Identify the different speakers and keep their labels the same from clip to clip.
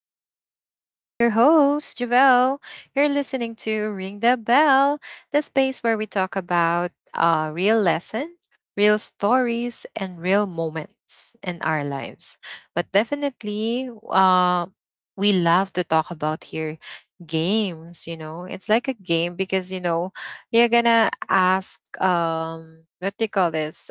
Speaker 1: back to the show. And I'm your host, Javelle. You're listening to Ring the Bell, the space where we talk about real lesson, real stories, and real moments in our lives. But definitely, we love to talk about here games, you know. It's like a game because, you know, you're gonna ask what do you call this?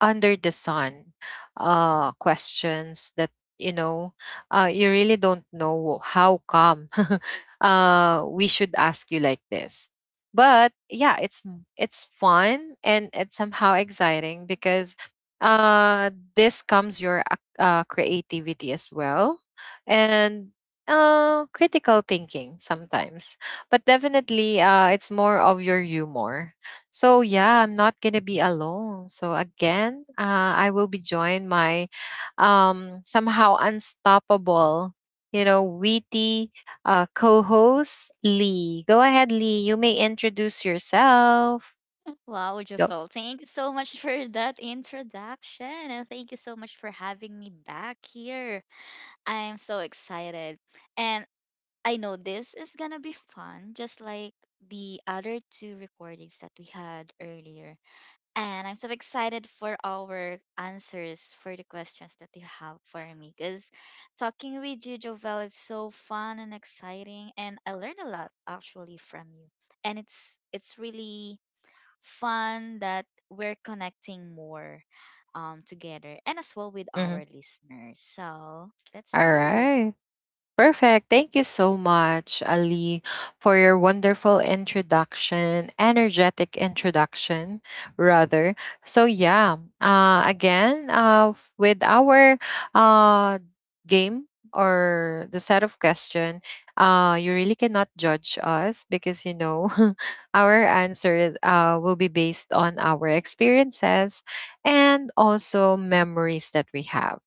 Speaker 1: Under the sun questions that you know you really don't know how come, we should ask you like this. But yeah, it's fun, and it's somehow exciting because uh this comes your creativity as well, and critical thinking sometimes. But definitely, it's more of your humor. So yeah, I'm not gonna be alone. So again, I will be joined my somehow unstoppable, witty, co-host Lee. Go ahead, Lee. You may introduce yourself.
Speaker 2: Wow,
Speaker 1: Go.
Speaker 2: Jafel, thank you so much for that introduction, and thank you so much for having me back here. I am so excited. And I know this is gonna be fun, just like the other two recordings that we had earlier. And I'm so excited for our answers for the questions that you have for me, because talking with you, Jovel, is so fun and exciting, and I learned a lot actually from you. And it's really fun that we're connecting more, together and as well with
Speaker 1: Mhm.
Speaker 2: our listeners. So let's
Speaker 1: All
Speaker 2: start.
Speaker 1: right. Perfect. Thank you so much, Ali, for your wonderful introduction, energetic introduction, rather. So yeah, again, with our uh, game, or the set of question, you really cannot judge us because, you know, our answer, will be based on our experiences and also memories that we have.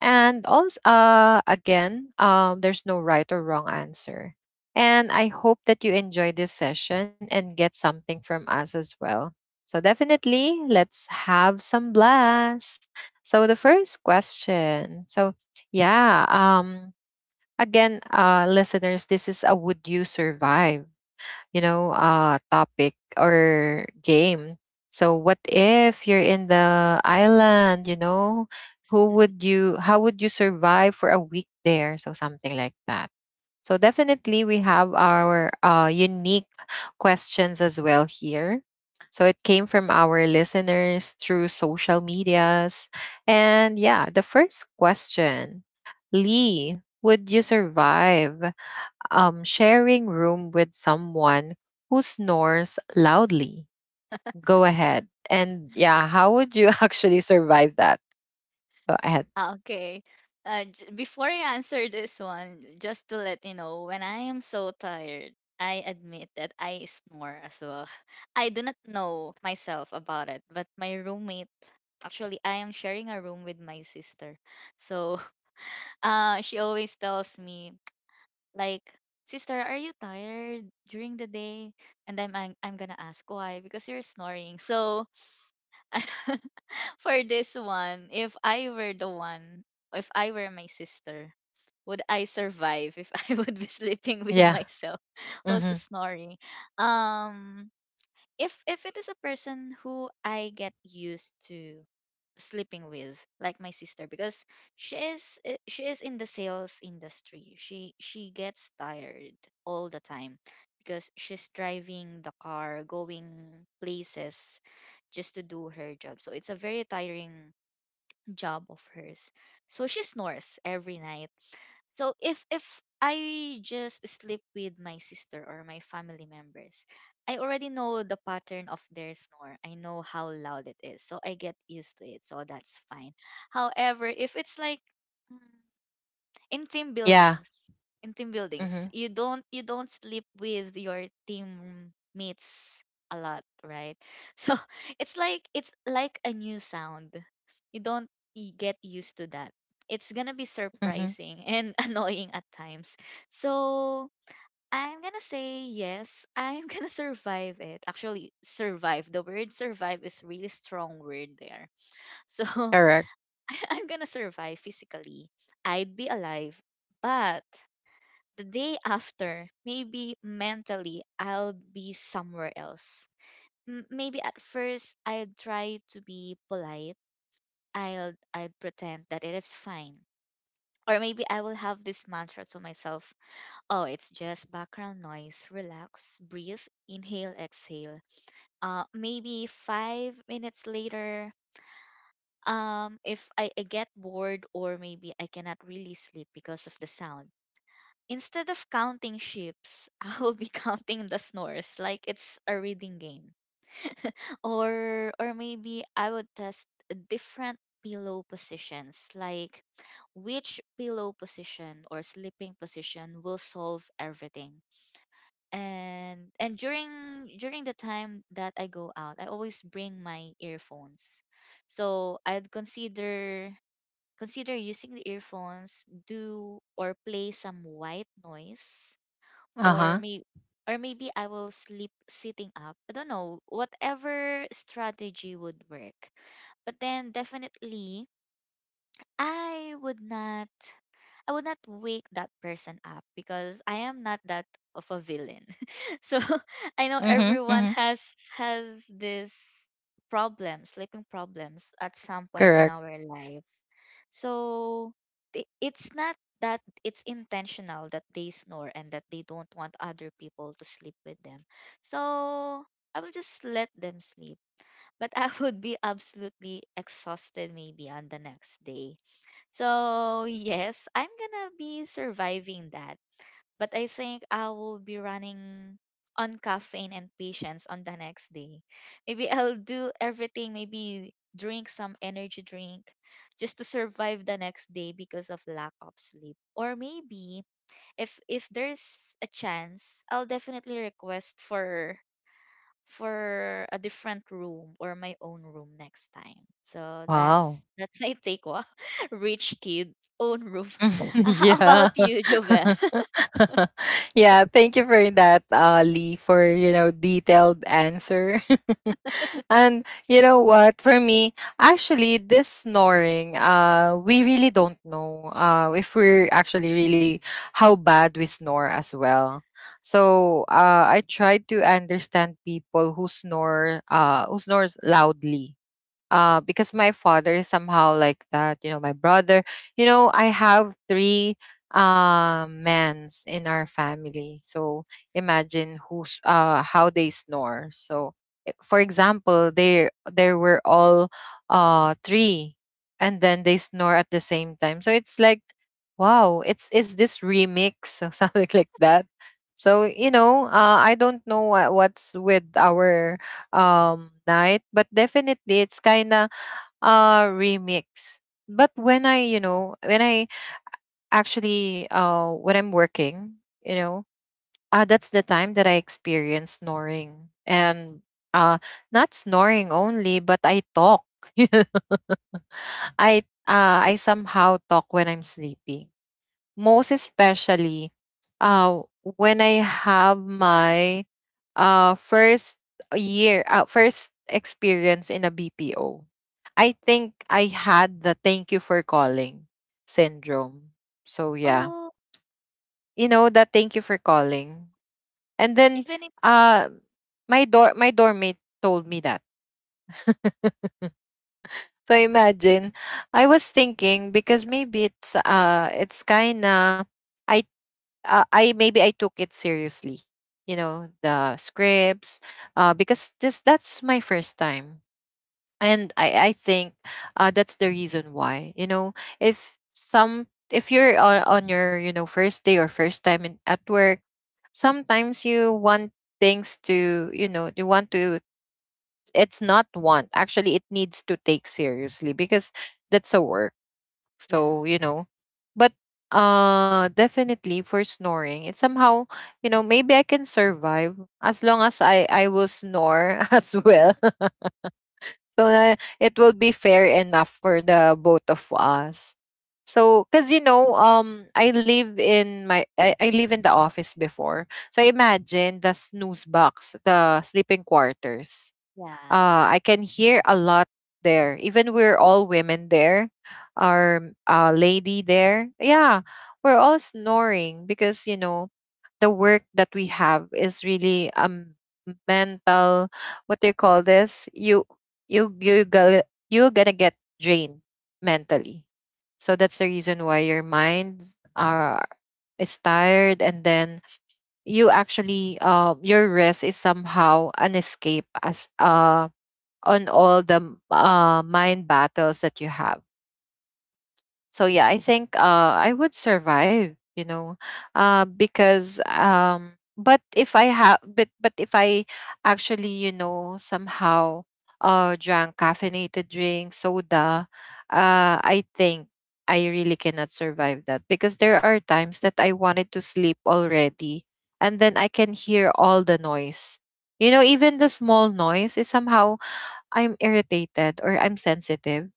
Speaker 1: And also, again, there's no right or wrong answer. And I hope that you enjoy this session and get something from us as well. So definitely, let's have some blast. So, the first question. So yeah. Again, listeners, this is a Would You Survive, topic or game. So what if you're in the island, you know, how would you survive for a week there? So something like that. So definitely we have our unique questions as well here. So it came from our listeners through social medias. And yeah, the first question, Lee, would you survive sharing room with someone who snores loudly? Go ahead. And yeah, how would you actually survive that? Go ahead.
Speaker 2: Ah, okay. Before I answer this one, just to let you know, when I am so tired, I admit that I snore as well. I do not know myself about it, but my roommate, actually, I am sharing a room with my sister. So she always tells me, like, sister, are you tired during the day? And I'm gonna ask why, because you're snoring so. For this one, if I were the one, if I were my sister, would I survive if I would be sleeping with
Speaker 1: Yeah.
Speaker 2: myself who's
Speaker 1: Mm-hmm.
Speaker 2: snoring? um if it is a person who I get used to sleeping with, like my sister, because she is in the sales industry. She gets tired all the time, because she's driving the car, going places just to do her job. So it's a very tiring job of hers. So she snores every night. So if I just sleep with my sister or my family members, I already know the pattern of their snore. I know how loud it is. So I get used to it. So that's fine. However, if it's like, mm, in team
Speaker 1: Yeah.
Speaker 2: buildings,
Speaker 1: Mm-hmm.
Speaker 2: you don't sleep with your teammates a lot, right? So it's like a new sound. You don't get used to that. It's gonna be
Speaker 1: Mm-hmm.
Speaker 2: surprising and annoying at times. So I'm gonna say yes, I'm gonna survive it. Actually, survive, the word survive is really strong word there. So
Speaker 1: Correct.
Speaker 2: I'm gonna survive physically. I'd be alive. But the day after, maybe mentally, I'll be somewhere else. Maybe at first, I'd try to be polite. I'd pretend that it is fine. Or maybe I will have this mantra to myself. Oh, it's just background noise. Relax, breathe, inhale, exhale. Maybe 5 minutes later, if I get bored, or maybe I cannot really sleep because of the sound. Instead of counting ships, I will be counting the snores like it's a reading game. Or maybe I would test different pillow positions, like which pillow position or sleeping position will solve everything. And during the time that I go out, I always bring my earphones. So I'd consider using the earphones, do or play some white noise, or
Speaker 1: Uh-huh.
Speaker 2: may or maybe I will sleep sitting up. I don't know, whatever strategy would work. But then, definitely, I would not I would not wake that person up, because I am not that of a villain. So I know everyone
Speaker 1: Mm-hmm.
Speaker 2: has this problem, sleeping problems at some point in
Speaker 1: Correct.
Speaker 2: our life. So it's not that it's intentional that they snore and that they don't want other people to sleep with them. So I will just let them sleep. But I would be absolutely exhausted maybe on the next day. So yes, I'm gonna be surviving that. But I think I will be running on caffeine and patience on the next day. Maybe I'll do everything, maybe drink some energy drink just to survive the next day because of lack of sleep. Or maybe, if there's a chance, I'll definitely request for a different room or my own room next time. So
Speaker 1: Wow.
Speaker 2: that's my take. Wow. Rich kid, own room. How
Speaker 1: Yeah.
Speaker 2: about you, Jovel?
Speaker 1: Yeah, thank you for that, Lee, for, detailed answer. And you know what? For me, actually, this snoring, we really don't know if we're actually really how bad we snore as well. So I tried to understand people who snore, who snores loudly because my father is somehow like that, my brother. I have three mans in our family, so imagine who's how they snore. So for example, they were all three, and then they snore at the same time, so it's like, wow, it's is this remix or something like that. So, I don't know what's with our night, but definitely it's kind of remix. But when I actually, when I'm working, you know that's the time that I experience snoring. And uh not snoring only, but I talk. i I somehow talk when I'm sleepy, most especially uh when I have my uh first first experience in a BPO. I think I had the thank you for calling syndrome. So yeah.
Speaker 2: Oh,
Speaker 1: You know that thank you for calling. And then,
Speaker 2: even if.
Speaker 1: uh my dorm mate told me that. So imagine, I was thinking because maybe it's kinda I I maybe I took it seriously. You know, the scripts, because this that's my first time. And I think, that's the reason why. You know, if you're on your, first day or first time at work, sometimes you want things to, you want to. It's not want actually. It needs to take seriously because that's a work,
Speaker 2: Yeah,
Speaker 1: so, you know, but definitely for snoring, it's somehow, maybe I can survive as long as I will snore as well. So it will be fair enough for the both of us. So 'cuz you know, I live in the office before. So imagine, the snooze box, the sleeping quarters,
Speaker 2: yeah.
Speaker 1: I can hear a lot there. Even we're all women there, our lady there. Yeah, we're all snoring because, you know, the work that we have is really mental. What do you call this, you you go you're gonna get drained mentally. So that's the reason why your minds are is tired. And then, your rest is somehow an escape as on all the mind battles that you have. So yeah, I think, I would survive, because but if I have, but if I actually, you know, somehow drank caffeinated drinks, soda, I think I really cannot survive that because there are times that I wanted to sleep already, and then I can hear all the noise. You know, even the small noise is somehow, I'm irritated or I'm sensitive.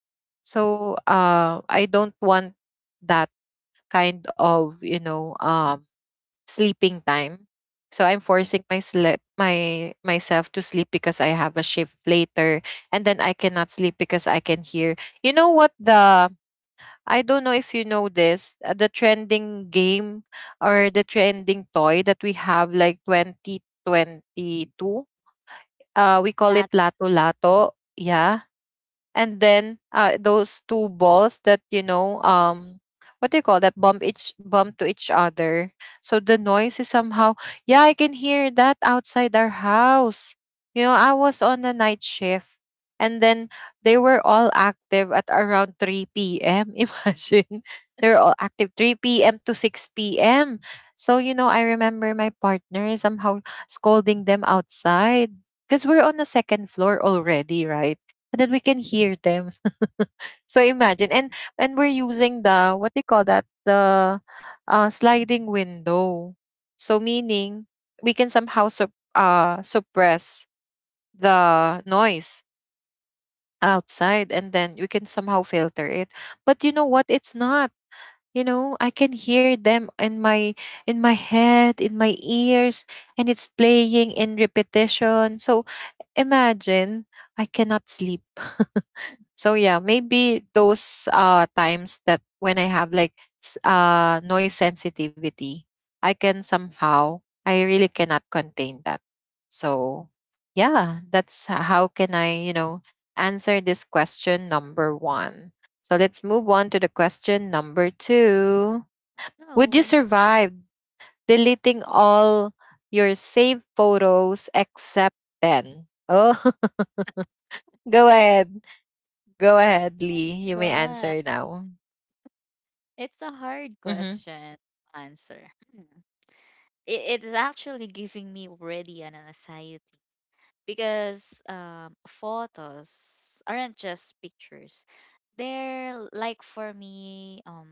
Speaker 1: So I don't want that kind of, sleeping time. So I'm forcing my sleep my myself to sleep because I have a shift later, and then I cannot sleep because I can hear. You know what, the I don't know if you know this, the trending game or the trending toy that we have like 2022. We call
Speaker 2: Lat-.
Speaker 1: it Lato Lato. Yeah, and then, those two balls that, what do you call that, bump to each other, so the noise is somehow, yeah, I can hear that outside our house. You know, I was on a night shift, and then they were all active at around 3 p.m., imagine, they're all active 3 p.m. to 6 p.m. So, you know, I remember my partner somehow scolding them outside because we're on the second floor already, right? And then we can hear them. So imagine. And we're using the what do call that? The sliding window. So meaning we can somehow suppress the noise outside, and then we can somehow filter it. But you know what? It's not. You know, I can hear them in my head, in my ears, and it's playing in repetition. So imagine, I cannot sleep. So yeah, maybe those times that when I have like noise sensitivity, I can somehow I really cannot contain that. So yeah, that's how can I, you know, answer this question number 1. So let's move on to the question number 2. Would you
Speaker 2: No,
Speaker 1: survive deleting all your saved photos except 10? Oh, go ahead.
Speaker 2: this
Speaker 1: Go
Speaker 2: is
Speaker 1: ahead,
Speaker 2: a hard
Speaker 1: Lee. You may
Speaker 2: one.
Speaker 1: answer now.
Speaker 2: It's a hard
Speaker 1: Mhm.
Speaker 2: question to answer. Hmm. It's actually giving me already an anxiety, because photos aren't just pictures, they're like, for me,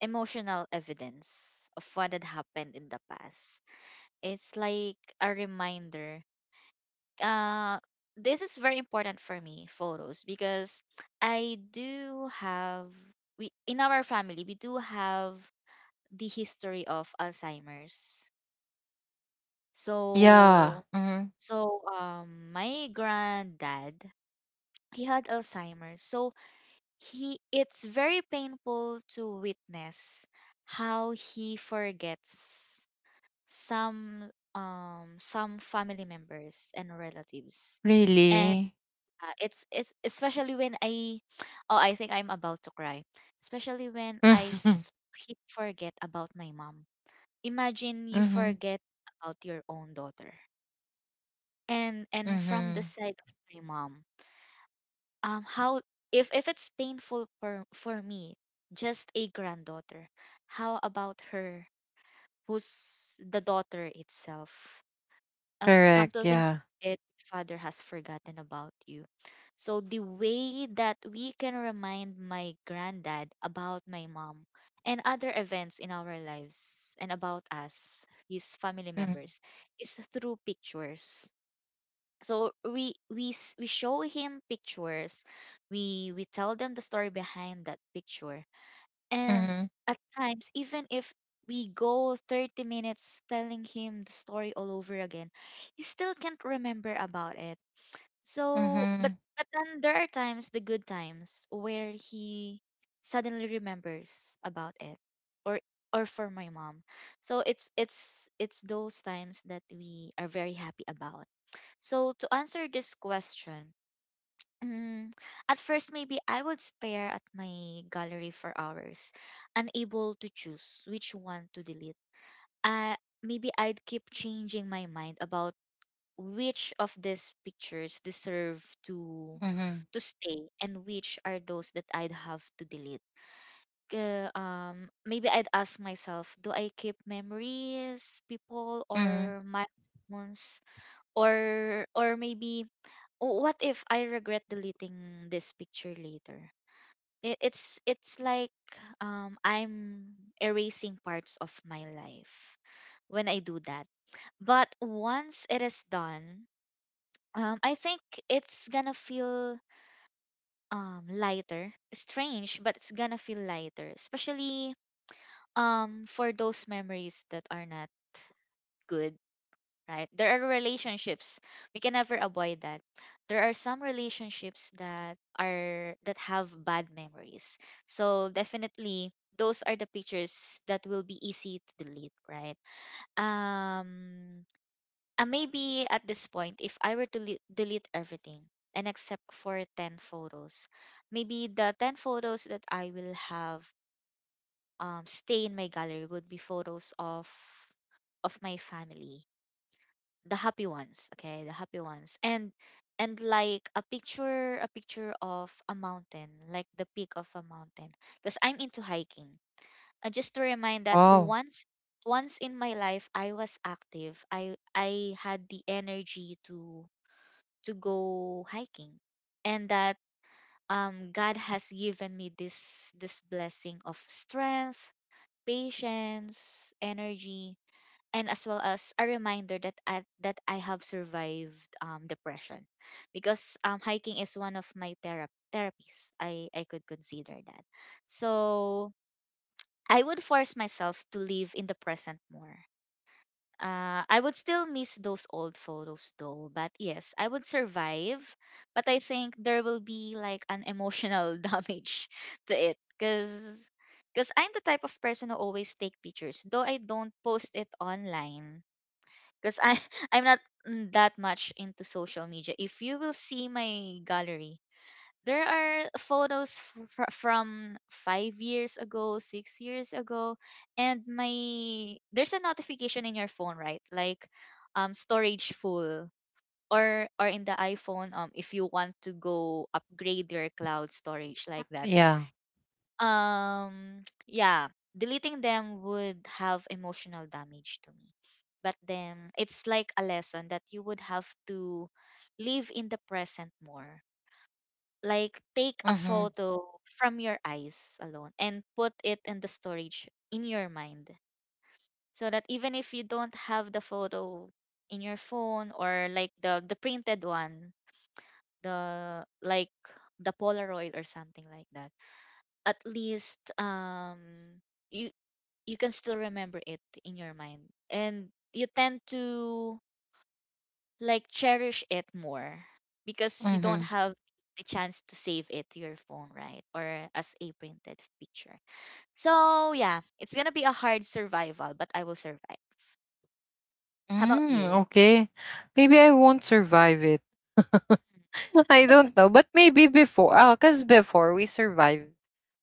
Speaker 2: emotional evidence of what had happened in the past. It's like a reminder. uh this is very important for me, photos, because I do have, we, in our family, we do have the history of Alzheimer's.
Speaker 1: Yeah.
Speaker 2: so
Speaker 1: Mhm.
Speaker 2: so my granddad, he had Alzheimer's. So he it's very painful to witness how he forgets some some family members and relatives. And
Speaker 1: Really.
Speaker 2: it's especially when I oh, I think I'm about to cry. Especially when
Speaker 1: Mhm.
Speaker 2: he forget about my mom. Imagine you
Speaker 1: Mhm.
Speaker 2: forget about your own daughter. And from the
Speaker 1: Mhm.
Speaker 2: side of my mom, how, if it's painful for me, just a granddaughter, how about her, who's the daughter itself? Come
Speaker 1: Correct,
Speaker 2: to think
Speaker 1: yeah.
Speaker 2: of it, father has forgotten about you. So the way that we can remind my granddad about my mom and other events in our lives and about us, his family
Speaker 1: Mhm.
Speaker 2: members, is through pictures. So we show him pictures, we tell them the story behind that picture. And
Speaker 1: Mhm.
Speaker 2: at times, even if we go 30 minutes telling him the story all over again, he still can't remember about it. So but
Speaker 1: Mhm.
Speaker 2: but then there are times, the good times, where he suddenly remembers about it, or or for my mom. So it's those times that we are very happy about. So to answer this question, mm, at first, maybe I would stare at my gallery for hours, unable to choose which one to delete. Uh, Maybe I'd keep changing my mind about which of these pictures deserve to
Speaker 1: Mhm.
Speaker 2: to stay and which are those that I'd have to delete. Maybe I'd ask myself, do I keep memories, people, or
Speaker 1: Mhm.
Speaker 2: milestones, or maybe oh, what if I regret deleting this picture later? It's like, I'm erasing parts of my life when I do that. But once it is done, I think it's gonna feel, lighter. Strange, but it's gonna feel lighter, especially for those memories that are not good, right? There are relationships. We can never avoid that. There are some relationships that have bad memories. So definitely those are the pictures that will be easy to delete, right? Um and maybe at this point, if I were to delete everything and except for 10 photos, maybe the 10 photos that I will have stay in my gallery would be photos of my family, the happy ones. Okay, the happy ones, and like a picture, of a mountain, like the peak of a mountain, because I'm into hiking. And just to remind that
Speaker 1: Wow,
Speaker 2: once in my life, I was active, I had the energy to go hiking. And that god has given me this blessing of strength, patience, energy, and as well as a reminder that I have survived depression, because hiking is one of my therapies. I could consider that. So I would force myself to live in the present more. I would still miss those old photos, though, but yes, I would survive. But I think there will be like an emotional damage to it, because I'm the type of person who always take pictures, though I don't post it online, because I I'm not, that much into social media. If you will see my gallery, there are photos from 5 years ago, 6 years ago, and my there's a notification in your phone, right? Like, storage full. Or in the iPhone, if you want to go upgrade your cloud storage like that,
Speaker 1: yeah.
Speaker 2: yeah, deleting them would have emotional damage to me. But then it's like a lesson that you would have to live in the present more, like take a
Speaker 1: Mhm.
Speaker 2: photo from your eyes alone and put it in the storage in your mind, so that even if you don't have the photo in your phone, or like the printed one, the like the polaroid or something like that, at least you can still remember it in your mind. And you tend to, like, cherish it more, because you don't
Speaker 1: Mhm.
Speaker 2: have the chance to save it to your phone, right, or as a printed picture. So yeah, it's gonna be a hard survival, but I will survive. How about
Speaker 1: Mm,
Speaker 2: you?
Speaker 1: okay. Maybe I won't survive it. I don't know, but maybe before, 'cause before we survived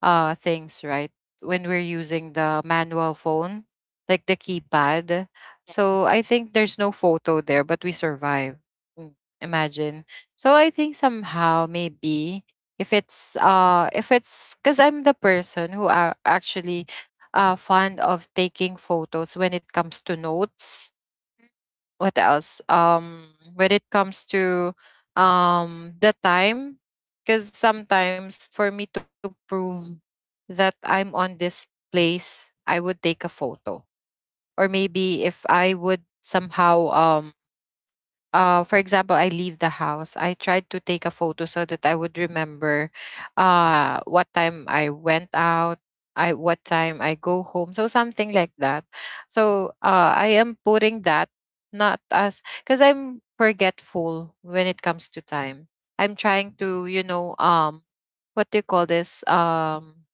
Speaker 1: things, right, when we're using the manual phone, like the keypad.
Speaker 2: Mhm. Yeah.
Speaker 1: So I think there's no photo there, but we survive. Mm. Imagine. So I think somehow maybe if it's, 'cause I'm the person who are actually fond of taking photos when it comes to notes.
Speaker 2: Mm.
Speaker 1: What else? When it comes to the time, because sometimes for me to prove that I'm on this place, I would take a photo, or maybe if I would somehow for example, I leave the house, I tried to take a photo so that I would remember what time I went out, I what time I go home, so something like that. So I am putting that not as because I'm forgetful when it comes to time. I'm trying to, you know, what do you call this, um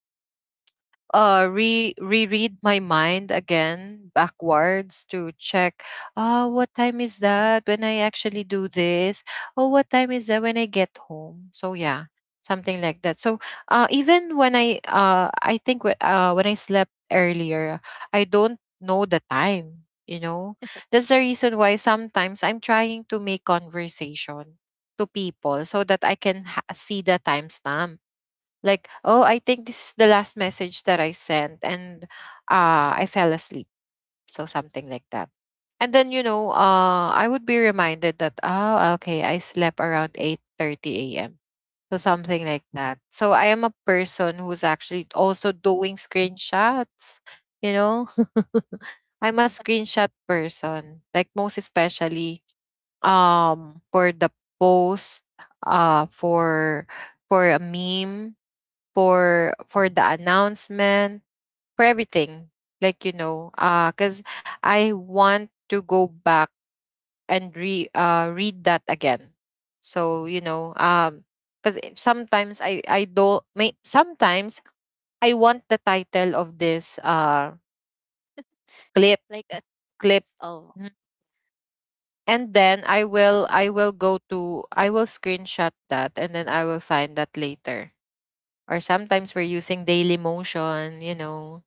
Speaker 1: uh re reread my mind again backwards to check, oh what time is that when I actually do this, oh what time is that when I get home, so yeah, something like that. So even when I think when I slept earlier, I don't know the time, you know. That's the reason why sometimes I'm trying to make conversation to people so that I can see the timestamp, like, oh, I think this is the last message that I sent and I fell asleep, so something like that. And then, I would be reminded that, oh okay, I slept around 8:30 a.m., so something like that. So I am a person who's actually also doing screenshots, you know. I'm a screenshot person, like most especially for the post, uh for for a meme, for the announcement, for everything. Like, you know, 'cause I want to go back and re read that again. So you know, um, cause if sometimes I don't may sometimes I want the title of this clip
Speaker 2: Like a
Speaker 1: clip.
Speaker 2: series of.
Speaker 1: Mhm. And then I will screenshot that, and then I will find that later. Or sometimes we're using Daily Motion, you know.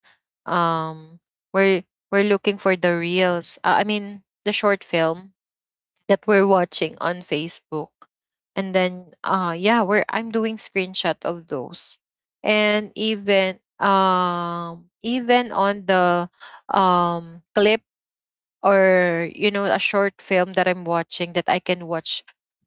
Speaker 1: um we're we're looking for the reels, I mean the short film that we're watching on Facebook. And then yeah, we're I'm doing screenshot of those. And even even on the clip or you know a short film that I'm watching, that I can watch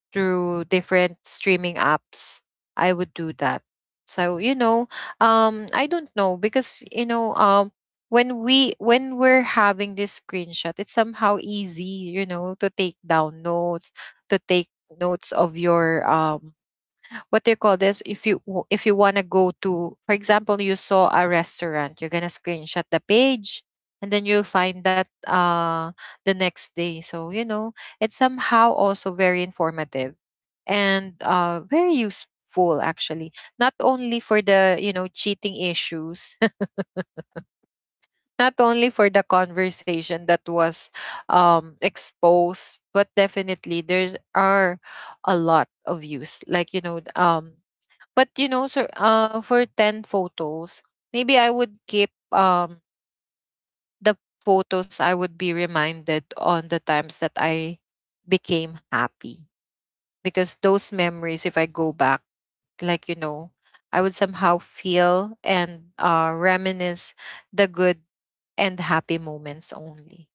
Speaker 1: through different streaming apps, I would do that. So, I don't know, because, when we when we're having this screenshot, it's somehow easy, you know, to take down notes, to take notes of your what do you call this. If you if you want to go to, for example, you saw a restaurant, you're gonna screenshot the page, and then you'll find that the next day. So you know, it's somehow also very informative and very useful actually, not only for the, you know, cheating issues, not only for the conversation that was exposed, but definitely there's are a lot of use, like, you know. But you know, sir, for 10 photos, maybe I would keep the photos. I would be reminded on the times that I became happy, because those memories, if I go back, like, you know, I would somehow feel and reminisce the good and happy moments only.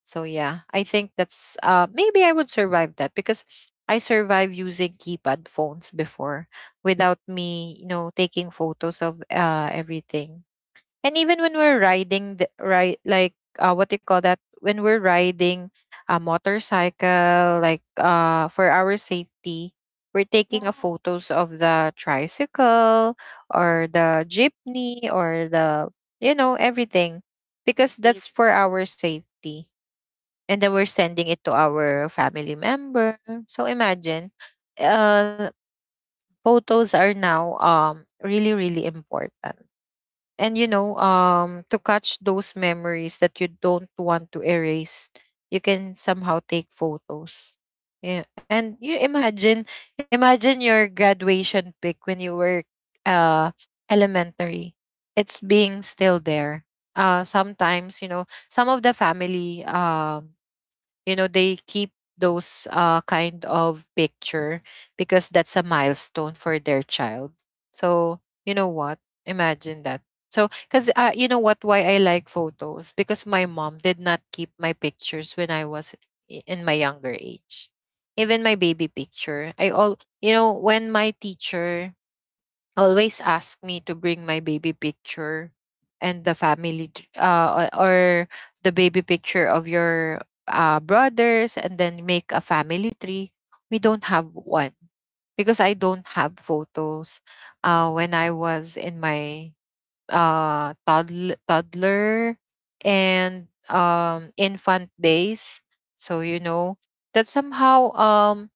Speaker 1: So yeah, I think that's maybe I would survive that, because I survived using keypad phones before without me, you know, taking photos of everything. And even when we're riding the right, like what do you call that, when we're riding a motorcycle, like for our safety, we're taking a
Speaker 2: Yeah.
Speaker 1: photos of the tricycle or the jeepney or the, you know, everything, because
Speaker 2: they-
Speaker 1: that's for our safety. And then we're sending it to our family member. So imagine, uh photos are now really, really important. And you know, to catch those memories that you don't want to erase, you can somehow take photos. Yeah. And you imagine, imagine your graduation pic when you were uh elementary, it's being still there. Sometimes, you know, some of the family, you know, they keep those kind of picture, because that's a milestone for their child. So, you know what, imagine that. So because, you know what, why I like photos, because my mom did not keep my pictures when I was in my younger age. Even my baby picture, I all, you know, when my teacher always ask me to bring my baby picture and the family or the baby picture of your brothers, and then make a family tree, we don't have one, because I don't have photos when I was in my toddler and infant days. So you know, that somehow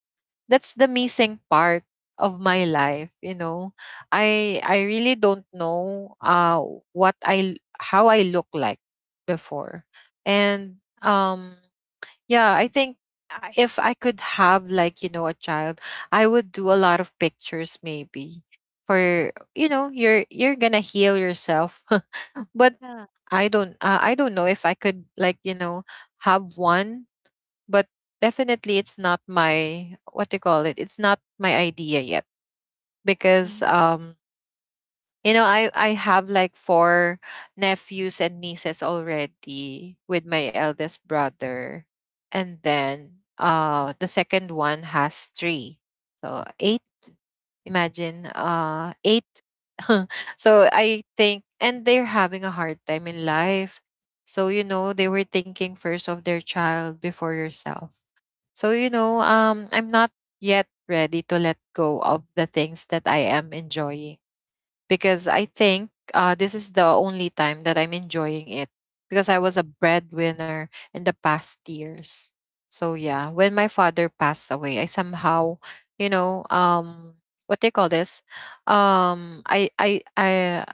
Speaker 1: that's the missing part of my life, you know. I really don't know what I, how I look like before. And um yeah, I think if I could have, like, you know, a child, I would do a lot of pictures, maybe. For, you know, you're gonna heal yourself. But
Speaker 2: yeah.
Speaker 1: I don't, I don't know if I could, like, you know, have one. But definitely it's not my, what do you call it, it's not my idea yet, because
Speaker 2: Mhm.
Speaker 1: you know, I have like four nephews and nieces already with my eldest brother. And then the second one has three. So eight. Imagine eight. So I think, and they're having a hard time in life. So you
Speaker 2: Right.
Speaker 1: know, they were thinking first of their child before yourself. So you know, I'm not yet ready to let go of the things that I am enjoying, because I think this is the only time that I'm enjoying it, because I was a breadwinner in the past years. So yeah, when my father passed away, I somehow, you know, um, what do you call this? Um, I I I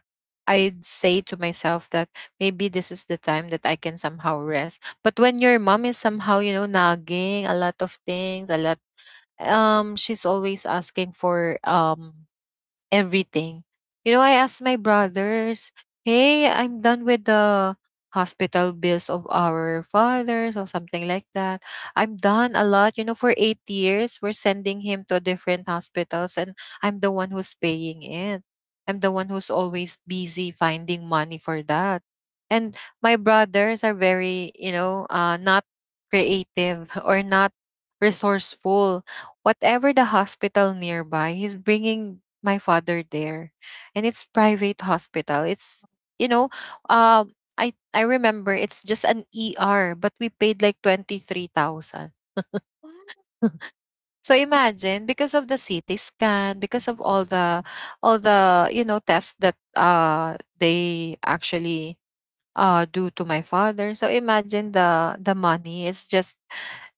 Speaker 1: I'd say to myself that maybe this is the time that I can somehow rest. But when your mom is somehow, you know, nagging a lot of things, a lot, she's always asking for everything. You know, I asked my brothers, hey, I'm done with the hospital bills of our fathers or something like that. I'm done a lot. You know, for 8 years, we're sending him to different hospitals, and I'm the one who's paying it. I'm the one who's always busy finding money for that. And my brothers are very, you know, not creative or not resourceful. Whatever the hospital nearby, he's bringing my father there, and it's private hospital. It's, you know, I remember it's just an er, but we paid like 23,000.
Speaker 2: What?
Speaker 1: So imagine, because of the CT scan, because of all the, all the, you know, tests that they actually due to my father. So imagine the money is just,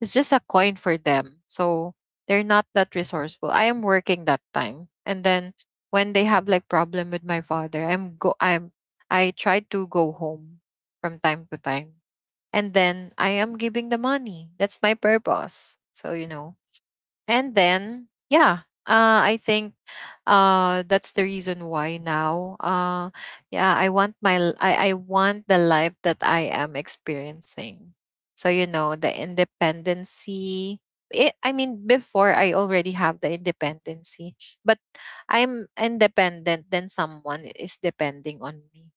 Speaker 1: it's just a coin for them. So they're not that resourceful. I am working that time. And then when they have like problem with my father, I'm, I try to go home from time to time. And then I am giving the money. That's my purpose. So you know. And then yeah, I think that's the reason why now, yeah, I want my I want the life that I am experiencing. So you know, the independency, I mean, before I already have the independency, but I'm independent, then someone is depending on me.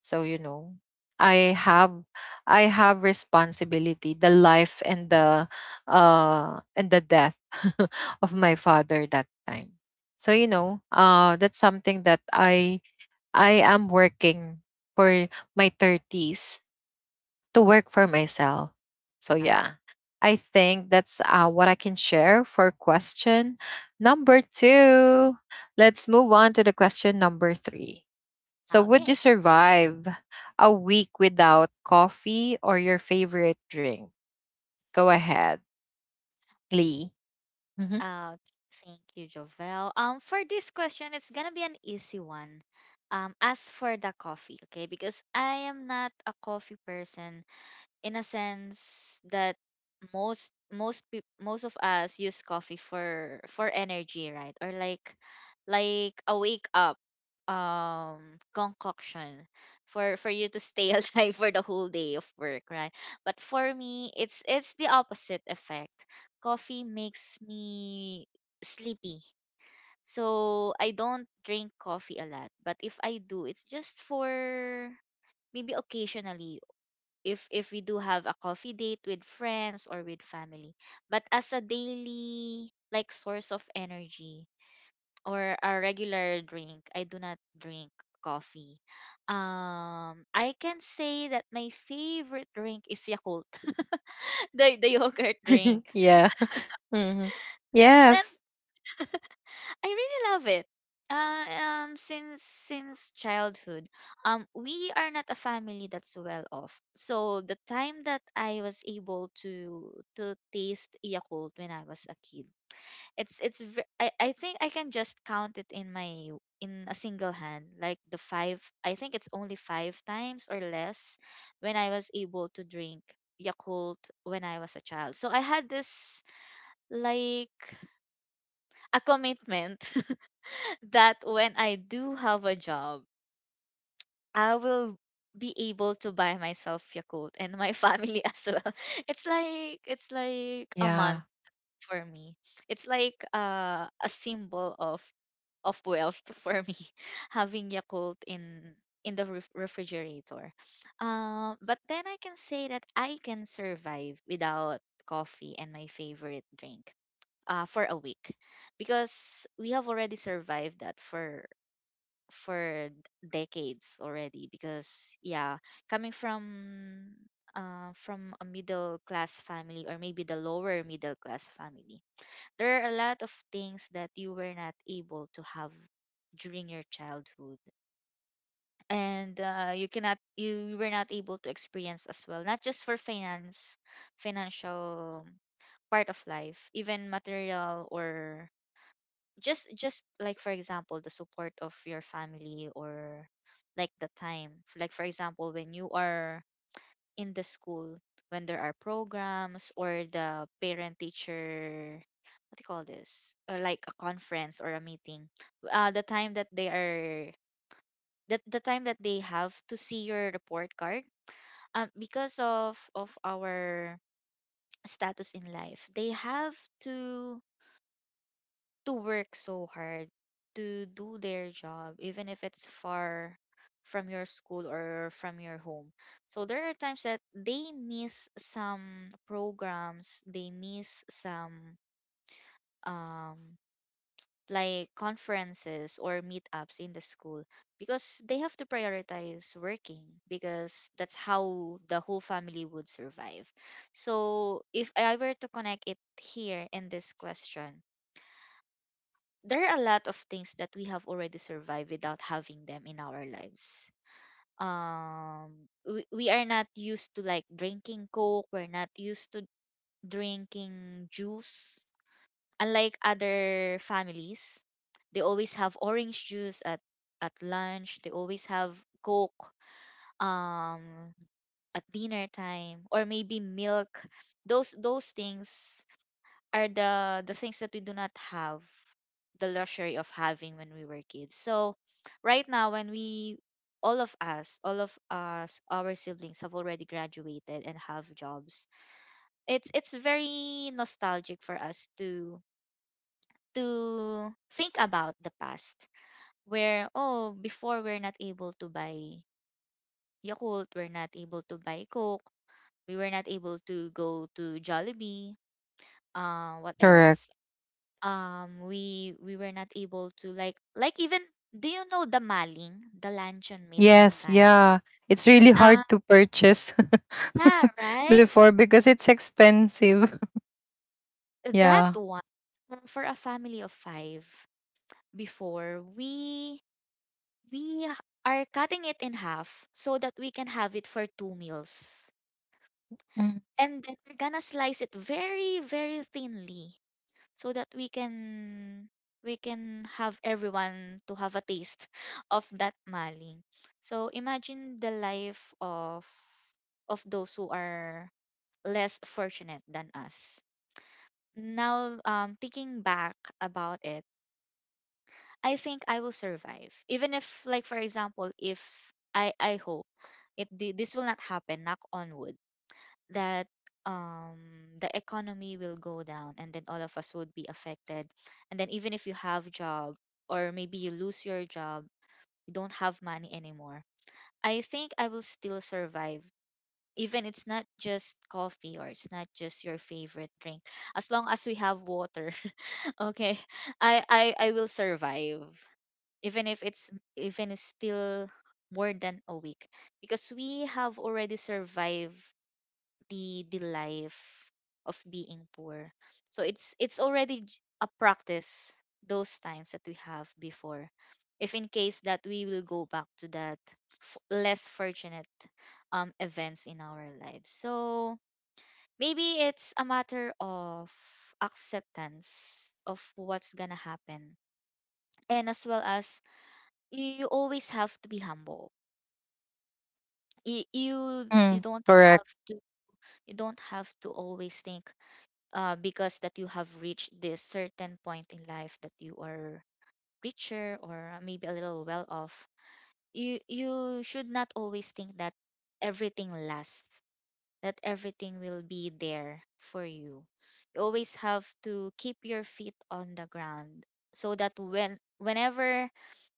Speaker 1: So, you know, I have I have responsibility, the life and the death of my father that time. So, you know, that's something that I am working for my 30s to work for myself. So,
Speaker 2: Yeah.
Speaker 1: yeah. I think that's what I can share for question number 2. Let's move on to the question number 3. So,
Speaker 2: Ah,
Speaker 1: would you
Speaker 2: okay.
Speaker 1: survive a week without coffee or your favorite drink? Go ahead, Lee. Mhm.
Speaker 2: Uh, Thank you, Jovel. For this question, it's gonna be an easy one. As for the coffee, okay, because I am not a coffee person in a sense that most of us use coffee for energy, right? Or like, a wake up um concoction for you to stay alive for the whole day of work, right? But for me it's the opposite effect. Coffee makes me sleepy. So I don't drink coffee a lot, but if I do, it's just for maybe occasionally, if we do have a coffee date with friends or with family. But as a daily, like, source of energy or a regular drink, I do not drink coffee. I can say that my favorite drink is Yakult, the yogurt drink.
Speaker 1: Yeah. Hmm.
Speaker 2: Then
Speaker 1: Yes.
Speaker 2: I really love it. Uh, since childhood, we are not a family that's well off. So the time that I was able to taste Yakult when I was a kid, it's ve- I think I can just count it in my in a single hand, like the five. I think it's only five times or less when I was able to drink Yakult when I was a child. So I had this, like, a commitment that when I do have a job, I will be able to buy myself Yakult and my family as well. It's like a
Speaker 1: Yeah.
Speaker 2: month for me. It's like a symbol of wealth for me having Yakult in refrigerator. But then I can say that I can survive without coffee and my favorite drink for a week, because we have already survived that for decades already, because yeah, coming from a middle class family, or maybe the lower middle class family. There are a lot of things that you were not able to have during your childhood, and you were not able to experience as well. Not just for finance financial part of life, even material, or just like, for example, the support of your family, or like the time, like for example, when you are in the school, when there are programs, or the parent teacher what do you call this, or like a conference or a meeting, the time that the time that they have to see your report card. Because of our status in life, they have to to work so hard to do their job, even if it's far from your school or from your home. So there are times that they miss some programs, they miss some um like conferences or meetups in the school, because they have to prioritize working, because that's how the whole family would survive. So if I were to connect it here in this question, there are a lot of things that we have already survived without having them in our lives. We are not used to, like, drinking Coke, we're not used to drinking juice. Unlike other families, they always have orange juice at lunch, they always have Coke um at dinner time, or maybe milk. Those things are the things that we do not have the luxury of having when we were kids. So right now, when we all of us, our siblings have already graduated and have jobs. It's very nostalgic for us to think about the past where, oh, before, we're not able to buy Yakult, we're not able to buy Coke, we were not able to go to Jollibee. What
Speaker 1: Correct.
Speaker 2: else? We were not able to, like, even, do you know the maling, the luncheon meat in
Speaker 1: Yes.
Speaker 2: Can?
Speaker 1: Yeah. It's really hard
Speaker 2: Ah,
Speaker 1: to purchase.
Speaker 2: yeah, right,
Speaker 1: Before, because it's expensive.
Speaker 2: that
Speaker 1: Yeah.
Speaker 2: one. For a family of five, before we are cutting it in half so that we can have it for two meals, and then we're gonna slice it very, very thinly, so that we can have everyone to have a taste of that maling. So imagine the life of those who are less fortunate than us. Now, thinking back about it, I think I will survive. Even if, like for example, if I hope this will not happen. Knock on wood that um the economy will go down, and then all of us would be affected, and then even if you have job, or maybe you lose your job, you don't have money anymore, I think I will still survive, even it's not just coffee, or it's not just your favorite drink. As long as we have water, okay, I will survive, even if it's still more than a week, because we have already survived the life of being poor. So it's already a practice, those times that we have before, if in case that we will go back to that less fortunate events in our lives. So maybe it's a matter of acceptance of what's gonna happen, and as well as, you always have to be humble. You
Speaker 1: Mhm.
Speaker 2: don't
Speaker 1: Correct.
Speaker 2: have to always think, because that you have reached this certain point in life that you are richer, or maybe a little well off. You should not always think that everything lasts, that everything will be there for you. You always have to keep your feet on the ground, so that whenever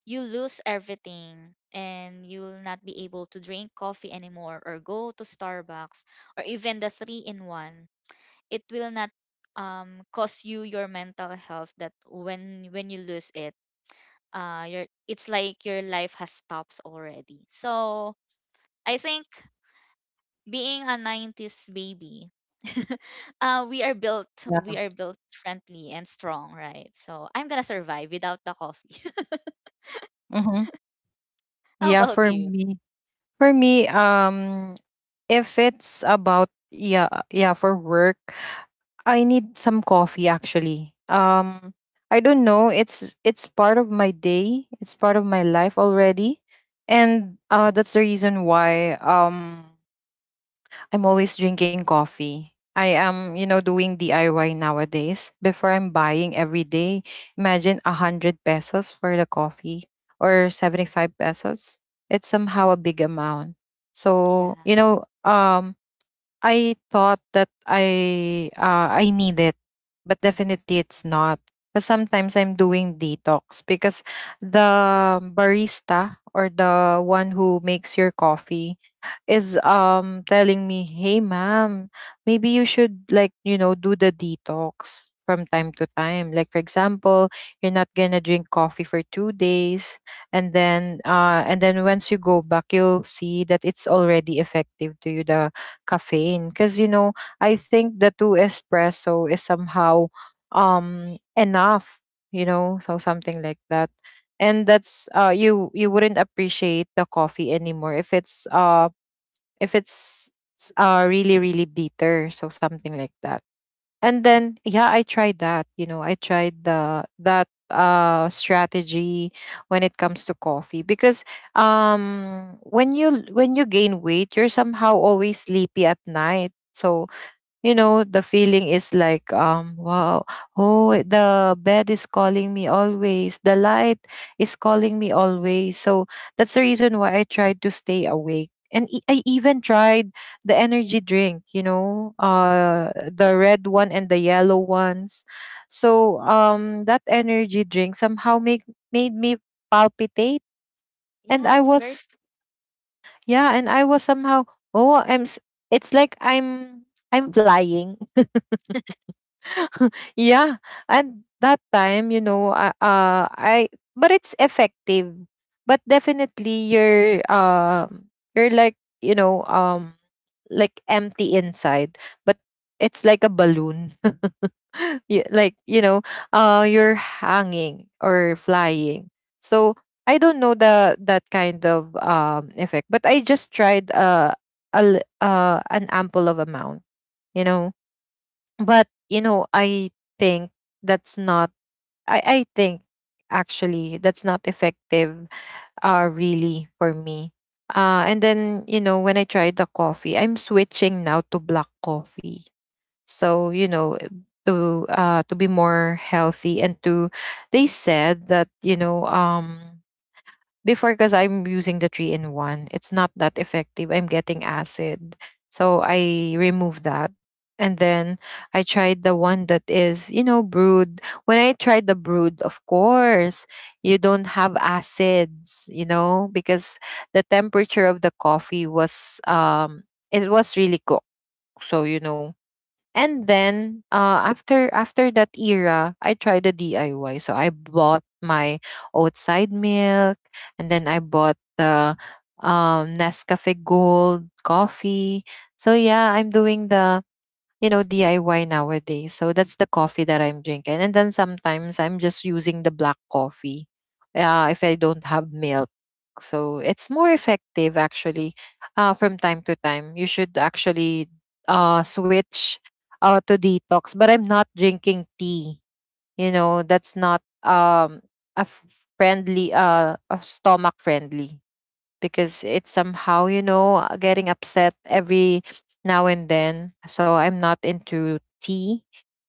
Speaker 2: you lose everything and you'll not be able to drink coffee anymore, or go to Starbucks, or even the 3 in 1, it will not cause you your mental health that when you lose it, your it's like your life has stopped already. So I think being a 90s baby, uh we are built
Speaker 1: Yeah.
Speaker 2: we are built friendly and strong, right? So I'm gonna survive without the coffee.
Speaker 1: Hmm.
Speaker 2: How
Speaker 1: Yeah.
Speaker 2: about you?
Speaker 1: For me, if it's about, yeah, yeah, for work. I need some coffee actually. I don't know, it's part of my day, it's part of my life already. And that's the reason why I'm always drinking coffee. I am, you know, doing DIY nowadays. Before, I'm buying every day, imagine a hundred pesos for the coffee or 75 pesos. It's somehow a big amount. So,
Speaker 2: Yeah,
Speaker 1: you know, I thought that I need it, but definitely it's not. Because sometimes I'm doing detox, because the barista or the one who makes your coffee is telling me, "Hey, ma'am, maybe you should, like, you know, do the detox." From time to time, like, for example, you're not gonna drink coffee for 2 days, and then once you go back, you'll see that it's already effective to you, the caffeine, because, you know, I think the two espresso is somehow enough, you know, so something like that. And that's you, you wouldn't appreciate the coffee anymore if it's really, really bitter, so something like that. And then yeah, I tried that. You know, I tried the that strategy when it comes to coffee, because when you gain weight, you're somehow always sleepy at night. So you know the feeling is like, wow, oh, the bed is calling me always, the light is calling me always. So that's the reason why I tried to stay awake, and I even tried the energy drink, you know, the red one and the yellow ones. So that energy drink somehow make, made me palpitate, and
Speaker 2: yeah.
Speaker 1: I
Speaker 2: It's very.
Speaker 1: was, yeah, and I was somehow, oh, it's like I'm flying. Yeah. And that time, you know, I, but it's effective. But definitely you're like, you know, like empty inside, but it's like a balloon. Like, you know, you're hanging or flying. So I don't know the that kind of effect, but I just tried an ample of amount, you know. But you know, I think that's not. I think actually that's not effective. Really, for me. And then, you know, when I tried the coffee, I'm switching now to black coffee. So to be more healthy. And to they said that before, because I'm using the three in one, it's not that effective. I'm getting acid, so I remove that. And then I tried the one that is, you know, brewed. When I tried the brewed, of course, you don't have acids, you know, because the temperature of the coffee was it was really cooked. So, you know. And then after that era, I tried the DIY. So I bought my outside milk, and then I bought the Nescafe Gold coffee. So yeah, I'm doing the, you know, DIY nowadays. So that's the coffee that I'm drinking. And then sometimes I'm just using the black coffee, if I don't have milk. So it's more effective actually, from time to time. You should actually switch to detox, but I'm not drinking tea. You know, that's not a f- friendly, a stomach friendly, because it's somehow, you know, getting upset every now and then. So I'm not into tea.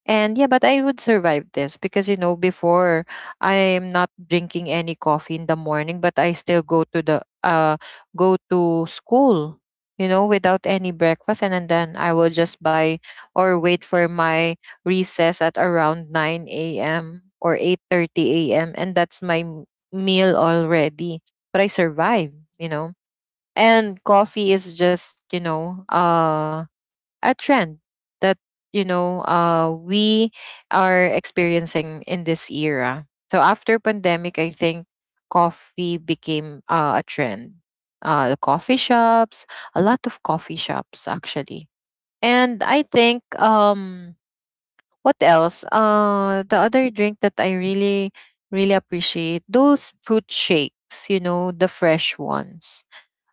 Speaker 1: And yeah, but I would survive this, because you know, before, I'm not drinking any coffee in the morning, but I still go to the go to school, you know, without any breakfast, and, then I will just buy or wait for my recess at around nine a.m. or 8:30 a.m., and that's my meal already. But I survive, you know. And coffee is just, you know, a trend that, you know, we are experiencing in this era. So after pandemic, I think coffee became, a trend. The coffee shops, a lot of coffee shops actually. And I think, what else? The other drink that I really really appreciate, those fruit shakes. You know, the fresh ones.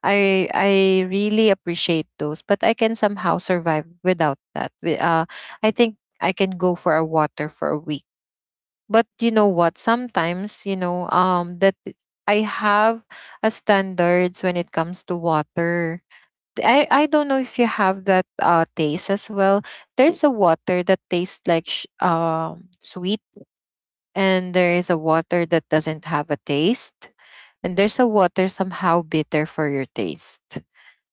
Speaker 1: I really appreciate those, but I can somehow survive without that. I think I can go for a water for a week. But you know what? Sometimes that I have a standards when it comes to water. I don't know if you have that taste as well. There's a water that tastes like sweet, and there is a water that doesn't have a taste, and there's a water somehow bitter for your taste.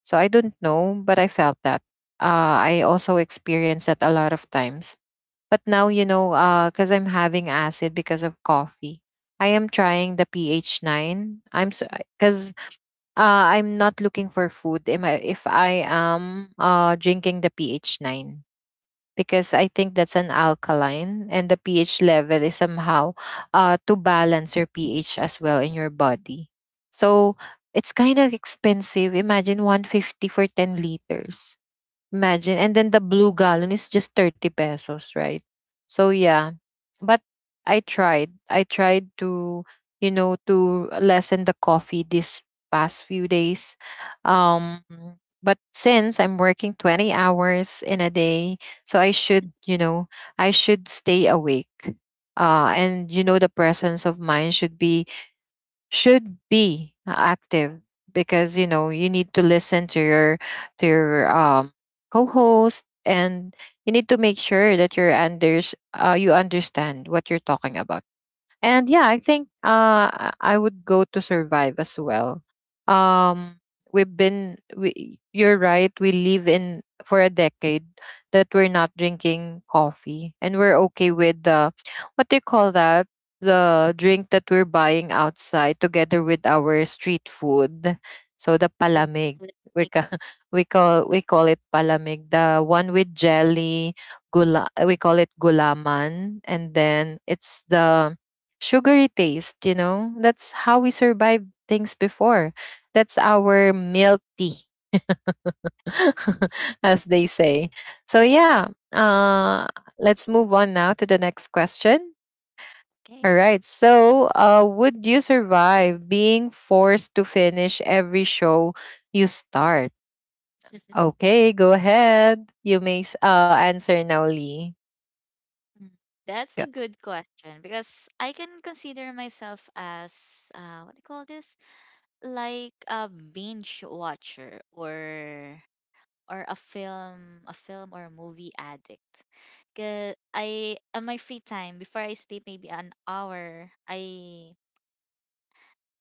Speaker 1: So I don't know, but I felt that. I also experienced that a lot of times. But now, you know, because I'm having acid because of coffee, I am trying the pH 9. I'm because I'm not looking for food. Am I, if I am, drinking the pH 9, because I think that's an alkaline, and the pH level is somehow, to balance your pH as well in your body. So it's kind of expensive. Imagine 150 for 10 liters. Imagine, and then the blue gallon is just 30 pesos, right? So yeah, but I tried. I tried to, you know, to lessen the coffee this past few days. Um but since I'm working 20 hours in a day, so I should, you know, I should stay awake. And you know, the presence of mind should be active, because you know, you need to listen to your to your um co-host, and you need to make sure that you understand what you're talking about. And yeah, I think I would go to survive as well. Um we've been we You're right, we live in for a decade that we're not drinking coffee, and we're okay with the, what do you call that? The drink that we're buying outside together with our street food. So the
Speaker 2: The.
Speaker 1: palamig. We ca- we call it palamig. The one with jelly, gula, we call it gulaman. And then it's the sugary taste, you know? That's how we survived things before. That's our milk tea, as they say. So, yeah, uh, let's move on now to the next question.
Speaker 2: Okay.
Speaker 1: All right. So, would you survive being forced to finish every show you start? Okay, go ahead. You may answer now, Lee.
Speaker 2: Mm. That's a
Speaker 1: Yeah.
Speaker 2: good question, because I can consider myself as, what do you call this? Like a binge watcher, or a film or a movie addict. 'Cause I, on my free time before I sleep, maybe an hour, I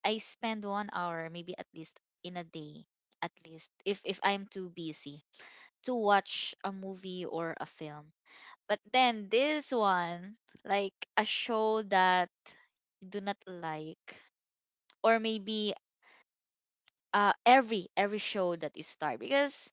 Speaker 2: I spend 1 hour maybe at least in a day, at least, if I'm too busy, to watch a movie or a film. But then this one, like a show that I do not like, or maybe, every show that you start, because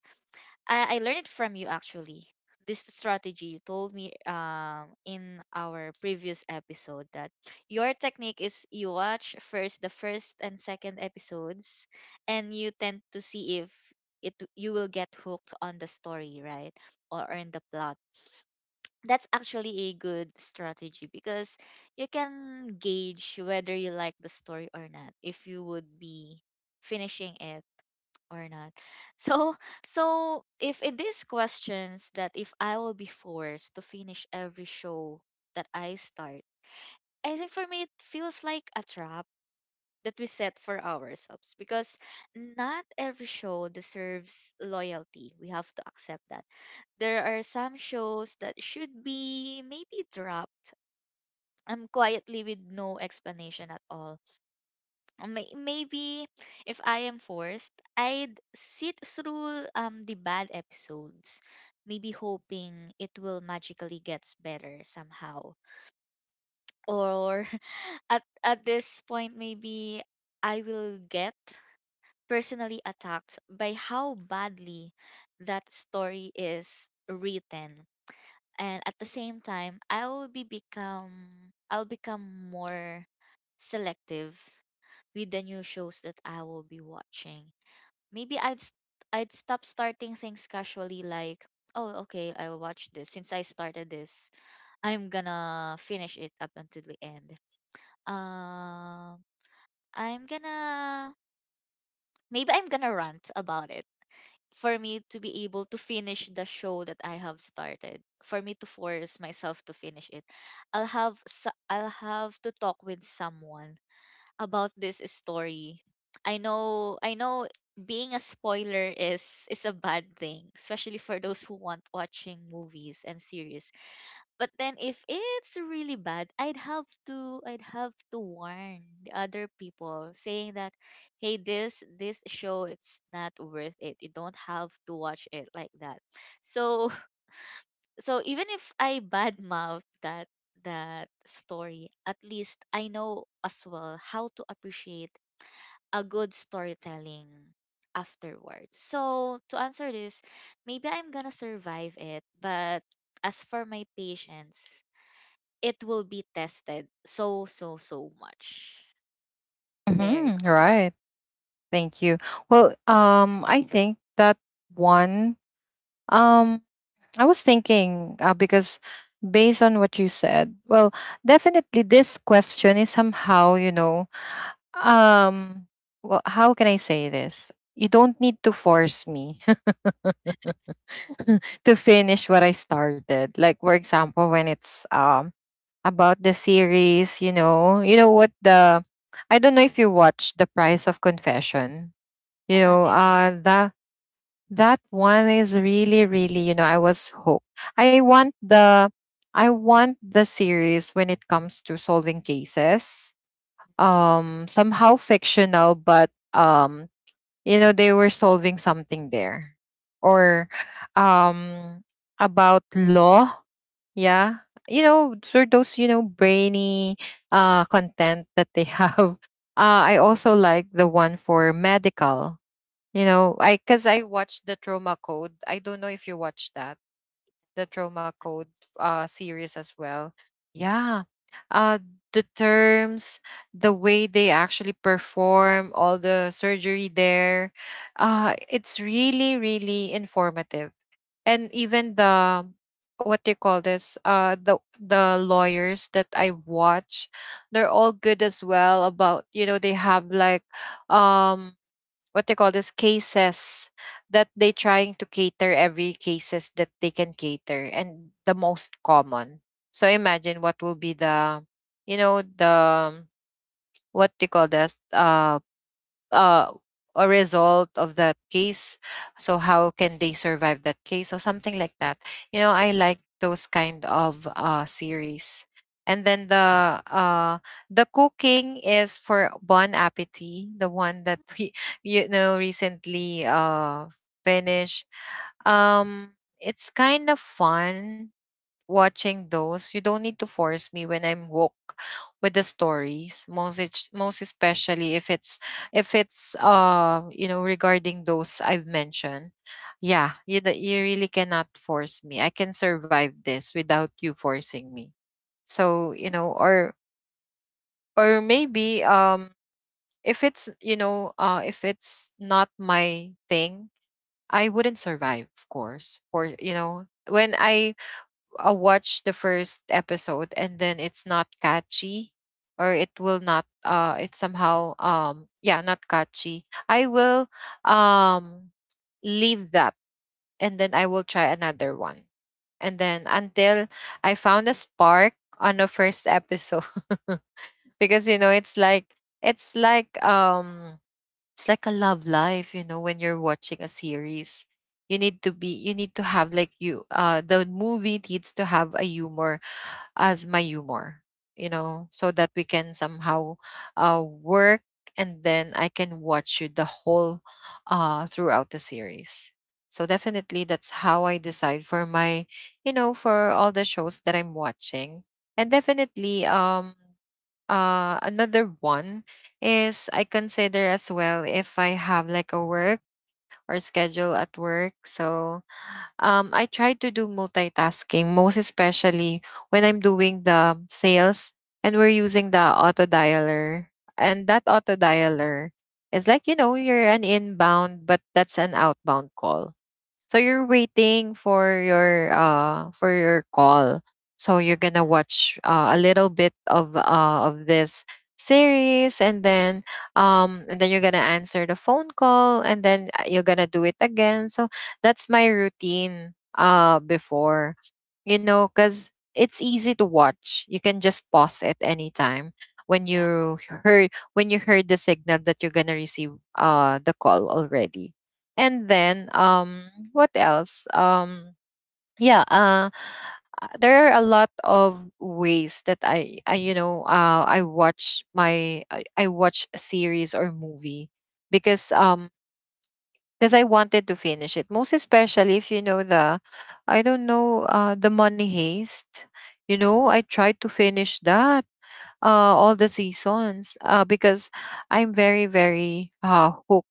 Speaker 2: I learned it from you, actually. This strategy you told me in our previous episode, that your technique is you watch first the first and second episodes, and you tend to see if it you will get hooked on the story, right? Or on the plot. That's actually a good strategy, because you can gauge whether you like the story or not, if you would be finishing it or not. So, so, if it is questions that if I will be forced to finish every show that I start, I think for me it feels like a trap that we set for ourselves, because not every show deserves loyalty. We have to accept that. There are some shows that should be maybe dropped quietly with no explanation at all. Maybe if I am forced, I'd sit through the bad episodes, maybe hoping it will magically gets better somehow. Or at this point, maybe I will get personally attacked by how badly that story is written. And at the same time, I'll become more selective with the new shows that I will be watching. Maybe I'd st- I'd stop starting things casually, like, oh, okay, I'll watch this. Since I started this, I'm gonna finish it up until the end. Um, I'm gonna Maybe I'm gonna rant about it for me to be able to finish the show that I have started. For me to force myself to finish it, I'll have to talk with someone about this story. I know being a spoiler is a bad thing, especially for those who want watching movies and series. But then if it's really bad, I'd have to warn the other people, saying that, hey, this show, it's not worth it. You don't have to watch it like that. So, so even if I badmouth that story, at least I know as well how to appreciate a good storytelling afterwards. So to answer this, maybe I'm gonna survive it, but as for my patience, it will be tested so, so, so much. There you
Speaker 1: Mhm.
Speaker 2: go.
Speaker 1: Right. Thank you. Well, I think that one, um, I was thinking, because based on what you said, well, definitely this question is somehow, you know, um, well, how can I say this? You don't need to force me to finish what I started. Like for example, when it's about the series, you know what the I don't know if you watch The Price of Confession. You
Speaker 2: Oh, not
Speaker 1: know,
Speaker 2: yet. I'm—
Speaker 1: the That one is really, really, you know, I was hooked. I want the I want the series when it comes to solving cases. Somehow fictional, but you know, they were solving something there. Or um about law, yeah. You know, for those, you know, brainy content that they have. I also like the one for medical, you know. I Because I watched the Trauma Code. I don't know if you watched that, the Trauma Code series as well. Yeah. Uh the terms, the way they actually perform all the surgery there, it's really really informative. And even the what they call this the lawyers that I watch, they're all good as well about, you know, they have like, um what they call this, cases that they trying to cater, every cases that they can cater, and the most common. So imagine what will be the, you know, the what they call this uh, a result of that case. So how can they survive that case or something like that? You know, I like those kind of, series. And then the, the cooking is for Bon Appetit, the one that we you know recently finished. Um, it's kind of fun watching those. You don't need to force me when I'm woke with the stories. Most especially if it's if it's you know, regarding those I've mentioned. Yeah, you really cannot force me. I can survive this without you forcing me. So you know, or maybe if it's, you know, if it's not my thing, I wouldn't survive. Of course, or you know, when I, watch the first episode and then it's not catchy, or it will not, it's somehow, yeah, not catchy. I will um leave that and then I will try another one, and then until I found a spark on the first episode. Because you know, it's like, it's like um it's like a love life, you know. When you're watching a series, you need to have like, you the movie needs to have a humor as my humor, you know, so that we can somehow, work, and then I can watch you the whole, throughout the series. So definitely that's how I decide for my, you know, for all the shows that I'm watching. And definitely another one is, I consider as well if I have like a work or schedule at work. So I try to do multitasking, most especially when I'm doing the sales and we're using the auto dialer. And that auto dialer is like, you know, you're an inbound, but that's an outbound call. So you're waiting for your call. So you're gonna
Speaker 2: yeah,
Speaker 1: watch, a little bit of this series, and then you're gonna answer the phone call, and then, you're gonna do it again. So that's my routine, before. You know, cuz it's easy to watch. You can just pause it anytime when
Speaker 2: yeah.
Speaker 1: you heard, the signal that you're gonna receive the call already. And then what else yeah there are a lot of ways that I you know, I watch a series or movie, because um because I wanted to finish it, most especially if you know, the, I don't know, the Money Heist. You know, I tried to finish that, uh, all the seasons, because I'm very, very, hooked.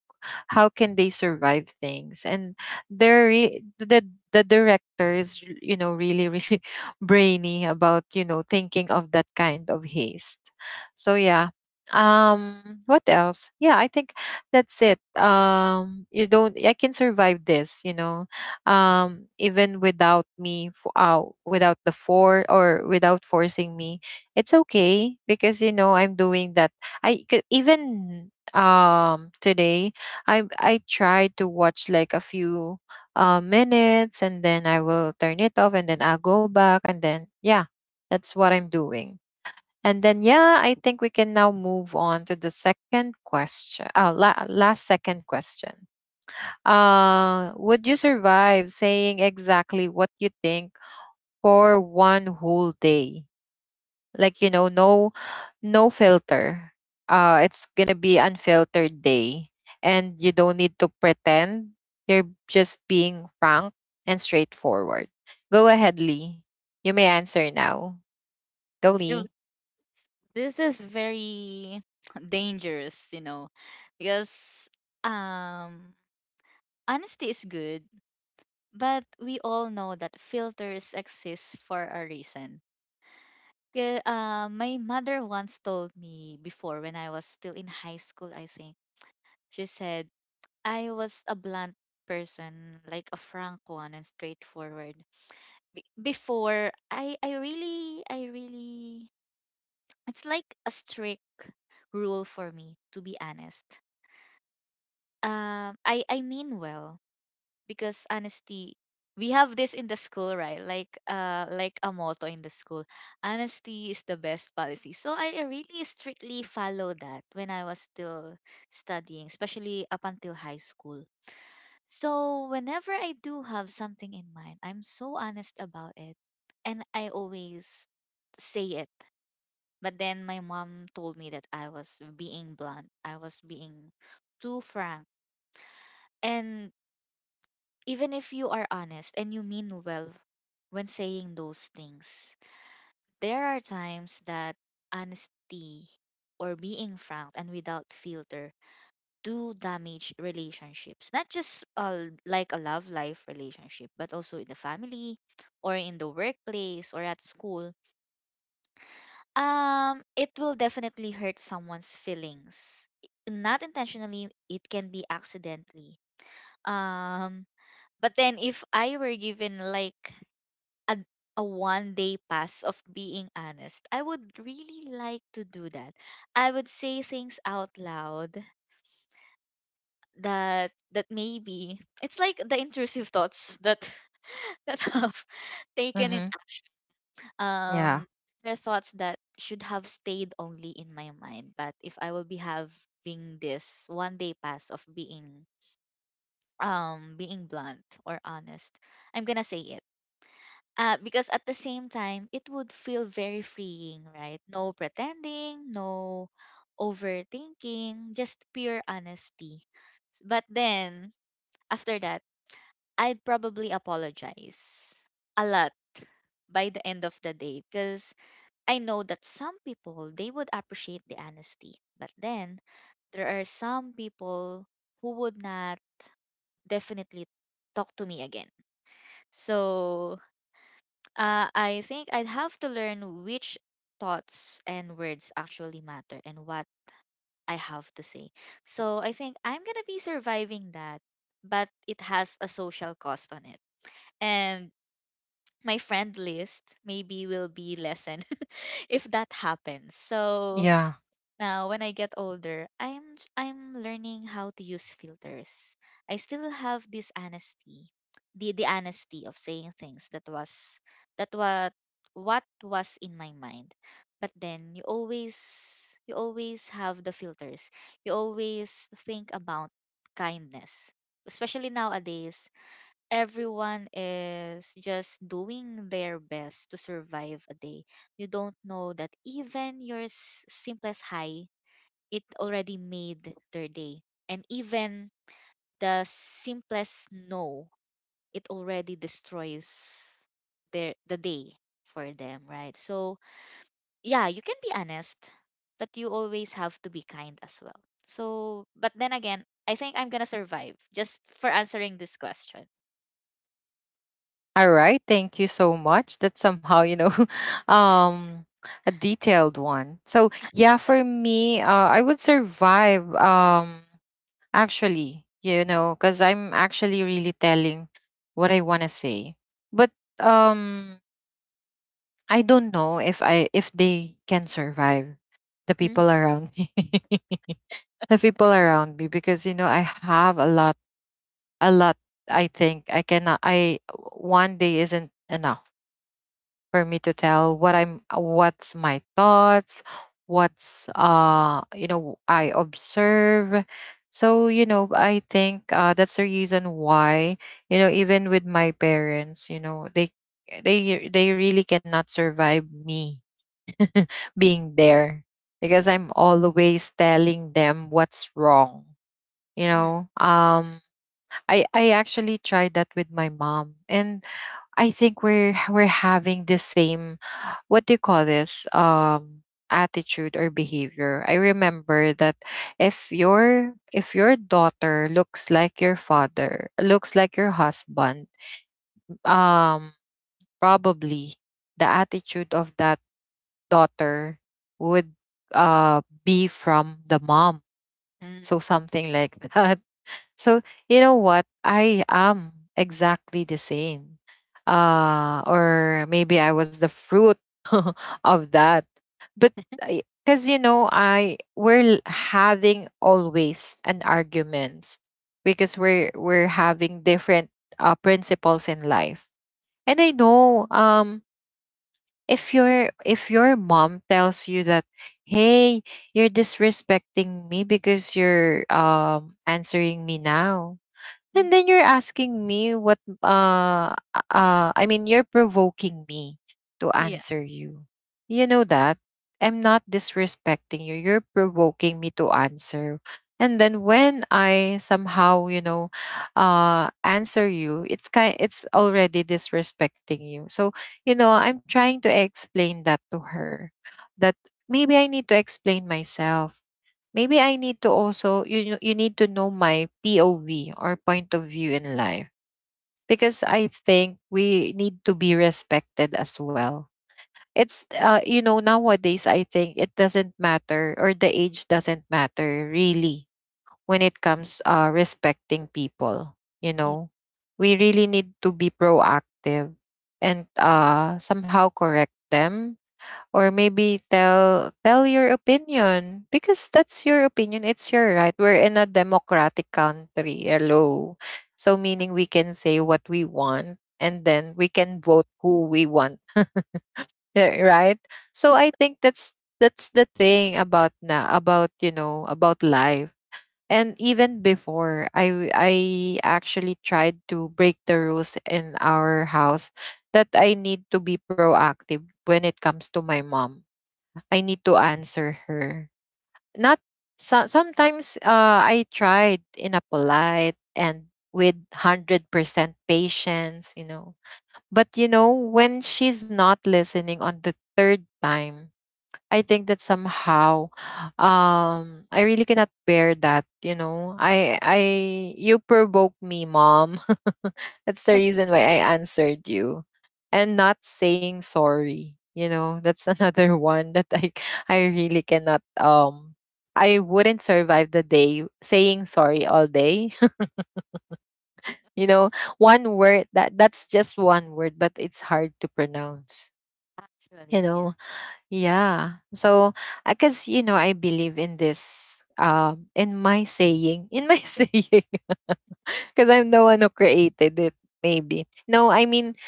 Speaker 1: How can they survive things? And they're re- the the director is, you know, really really brainy about, you know, thinking of that kind of haste. So yeah. What else? Yeah, I think that's it. You don't, I can survive this, you know, even without me for out without the for, or without forcing me. It's okay because you know, I'm doing that. Even today, I try to watch like a few, minutes, and then I will turn it off, and then I'll go back, and then yeah, that's what I'm doing. And then yeah, I think we can now move on to the second question. Last second question. Would you survive saying exactly what you think for one whole day? Like you know, no no filter. It's gonna be unfiltered day, and you don't need to pretend. You're just being frank and straightforward. Go ahead, Lee. You may answer now. Go,
Speaker 2: Jo-
Speaker 1: Lee.
Speaker 2: This is very dangerous, because um honesty is good, but we all know that filters exist for a reason. Yeah, my mother once told me before, when I was still in high school, I think. She said I was a blunt person, like a frank one and straightforward. Before, I really it's like a strict rule for me to be honest. I mean well, because honesty, we have this in the school, right, like, like a motto in the school: honesty is the best policy. So I really strictly follow that when I was still studying, especially up until high school. So whenever I do have something in mind, I'm so honest about it, and I always say it. But then my mom told me that I was being blunt, I was being too frank. And even if you are honest and you mean well when saying those things, there are times that honesty, or being frank and without filter, do damage relationships. Not just, like a love life relationship, but also in the family, or in the workplace, or at school. It will definitely hurt someone's feelings. Not intentionally, it can be accidentally. Um, but then if I were given like a, a 1 day pass of being honest, I would really like to do that. I would say things out loud that maybe it's like the intrusive thoughts that that have taken in,
Speaker 1: Mm-hmm. Yeah.
Speaker 2: um there thoughts that should have stayed only in my mind. But if I will be having this 1 day pass of being, being blunt or honest, I'm gonna say it. Because at the same time, it would feel very freeing, right? No pretending, no overthinking, just pure honesty. But then, after that, I'd probably apologize a lot by the end of the day, because I know that some people, they would appreciate the honesty. But then there are some people who would not definitely talk to me again. So, I think I'd have to learn which thoughts and words actually matter, and what I have to say. So I think I'm going to be surviving that, but it has a social cost on it. And my friend list maybe will be lessened, if that happens. So
Speaker 1: Yeah.
Speaker 2: now, when I get older, I'm learning how to use filters. I still have this honesty, the honesty of saying things that was, that what was in my mind. But then you always have the filters. You always think about kindness. Especially nowadays, everyone is just doing their best to survive a day. You don't know that even your simplest hi, it already made their day. And even the simplest no, it already destroys the day for them, right? So yeah, you can be honest, but you always have to be kind as well. So but then again, I think I'm gonna survive just for answering this question.
Speaker 1: All right. Thank you so much. That's somehow um, a detailed one. So yeah, for me, I would survive. Actually , because I'm actually really telling what I want to say, but um I don't know if I if they can survive the
Speaker 2: Mm,
Speaker 1: people around me the people around me because you know I have a lot, I think I cannot I one day isn't enough for me to tell what I'm what's my thoughts, what's you know I observe. So you know I think that's the reason why, you know, even with my parents, you know they really cannot survive me being there because I'm always telling them what's wrong. You
Speaker 2: mm,
Speaker 1: know, um, I actually tried that with my mom, and I think we're having the same, what do you call this, attitude or behavior. I remember that if your daughter looks like your father, looks like your husband, um probably the attitude of that daughter would be from the mom.
Speaker 2: mm,
Speaker 1: So something like that. So you know what? I am exactly the same. Uh, or maybe I was the fruit of that. But because you know, having always an arguments because we're having different principles in life. And I know, if your mom tells you that, hey, you're disrespecting me because you're answering me now
Speaker 2: mm.
Speaker 1: and then you're asking me what, I mean, you're provoking me to
Speaker 2: Yeah.
Speaker 1: answer you. You know that I'm not disrespecting you. You're provoking me to answer. And then when I somehow, you know, answer you, it's already disrespecting you. So, you know, I'm trying to explain that to her that maybe I need to explain myself. Maybe I need to also, you need to know my POV or point of view in life because I think we need to be respected as well. It's you know, nowadays I think it doesn't matter, or the age doesn't matter really, when it comes respecting people, you
Speaker 2: Yeah.
Speaker 1: know. We really need to be proactive and somehow correct them, or maybe tell your opinion because that's your opinion, it's your right, we're in a democratic country, hello. So meaning we can say what we want and then we can vote who we want. Eh, right? So I think that's the thing about na about you know, about life. And even before, I actually tried to break the rules in our house, that I need to be proactive when it comes to my mom. I need to answer her. Not so, sometimes I tried in a polite and with 100% patience, you know. But you know, when she's not listening on the third time, I think that somehow, I really cannot bear that, you know. I you provoke me, mom. That's the reason why I answered you. And not saying sorry, you know. That's another one that I really cannot, I wouldn't survive the day saying sorry all day. You know, one word, that that's just one word, but it's hard to pronounce. You
Speaker 2: Actually, yeah.
Speaker 1: know, yeah. So, because, you know, I believe in this, in my saying, in my saying, because I'm the one who created it, maybe. No, I mean,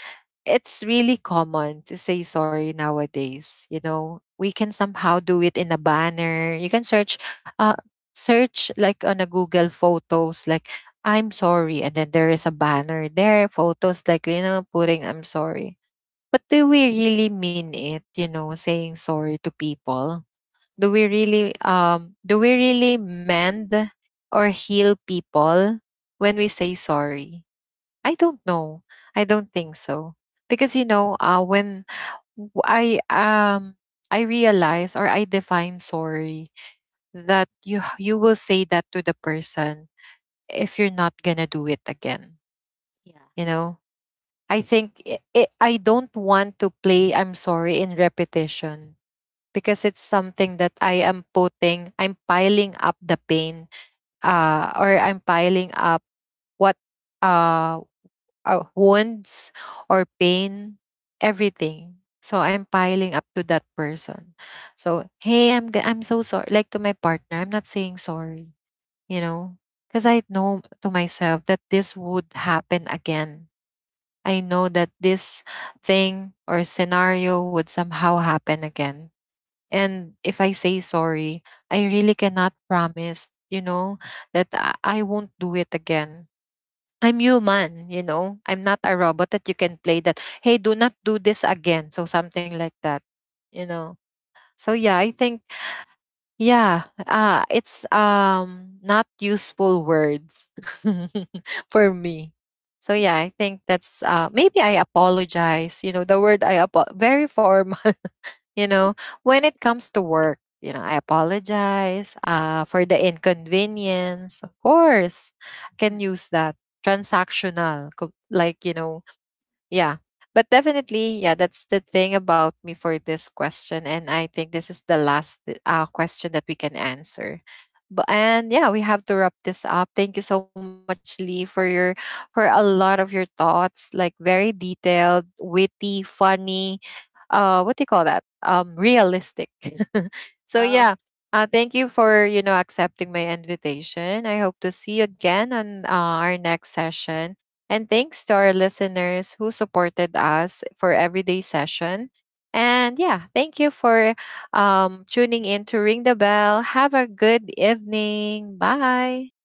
Speaker 1: it's really common to say sorry nowadays. You know, we can somehow do it in a banner. You can search, uh, search like on a Google Photos, like, I'm sorry. And then there is a banner there, photos like, you know, putting, I'm sorry. But do we really mean it, you know, saying sorry to people?
Speaker 2: Right.
Speaker 1: Do we really, do we really mend or heal people when we say sorry? I don't know. I don't think so. Because you know, when w- I realize, or I define sorry, that you you will say that to the person if you're not gonna do it again,
Speaker 2: Yeah.
Speaker 1: you know. I think I don't want to play I'm sorry in repetition because it's something that I am putting, I'm piling up the pain, or I'm piling up what, uh, wounds or pain, everything. So I'm piling up to that person. So hey, I'm so sorry. Like to my partner, I'm not saying sorry, you know, because I know to myself that this would happen again. I know that this thing or scenario would somehow happen again. And if I say sorry, I really cannot promise, you know, that I won't do it again. I'm human, you know, I'm not a robot that you can play, that hey, do not do this again. So something like that, you know. So yeah, I think, yeah, it's, not useful words for me. So yeah, I think that's, maybe I apologize, you know, the word, very formal, you know. When it comes to work, you know, I apologize, for the inconvenience, of course, I
Speaker 2: Mm.
Speaker 1: can use that. Like you know, yeah. But definitely yeah, that's the thing about me for this question. And I think this is the last question that we can answer. And yeah, we have to wrap this up. Thank you so much, Lee, for your, for a lot of your thoughts, like very detailed, witty, funny, what do you call that, realistic. So yeah,
Speaker 2: Oh.
Speaker 1: thank you for, you know, accepting my invitation. I hope to see you again on our next session. And thanks to our listeners who supported us for everyday session. And yeah, thank you for tuning in to Ring the Bell. Have a good evening. Bye.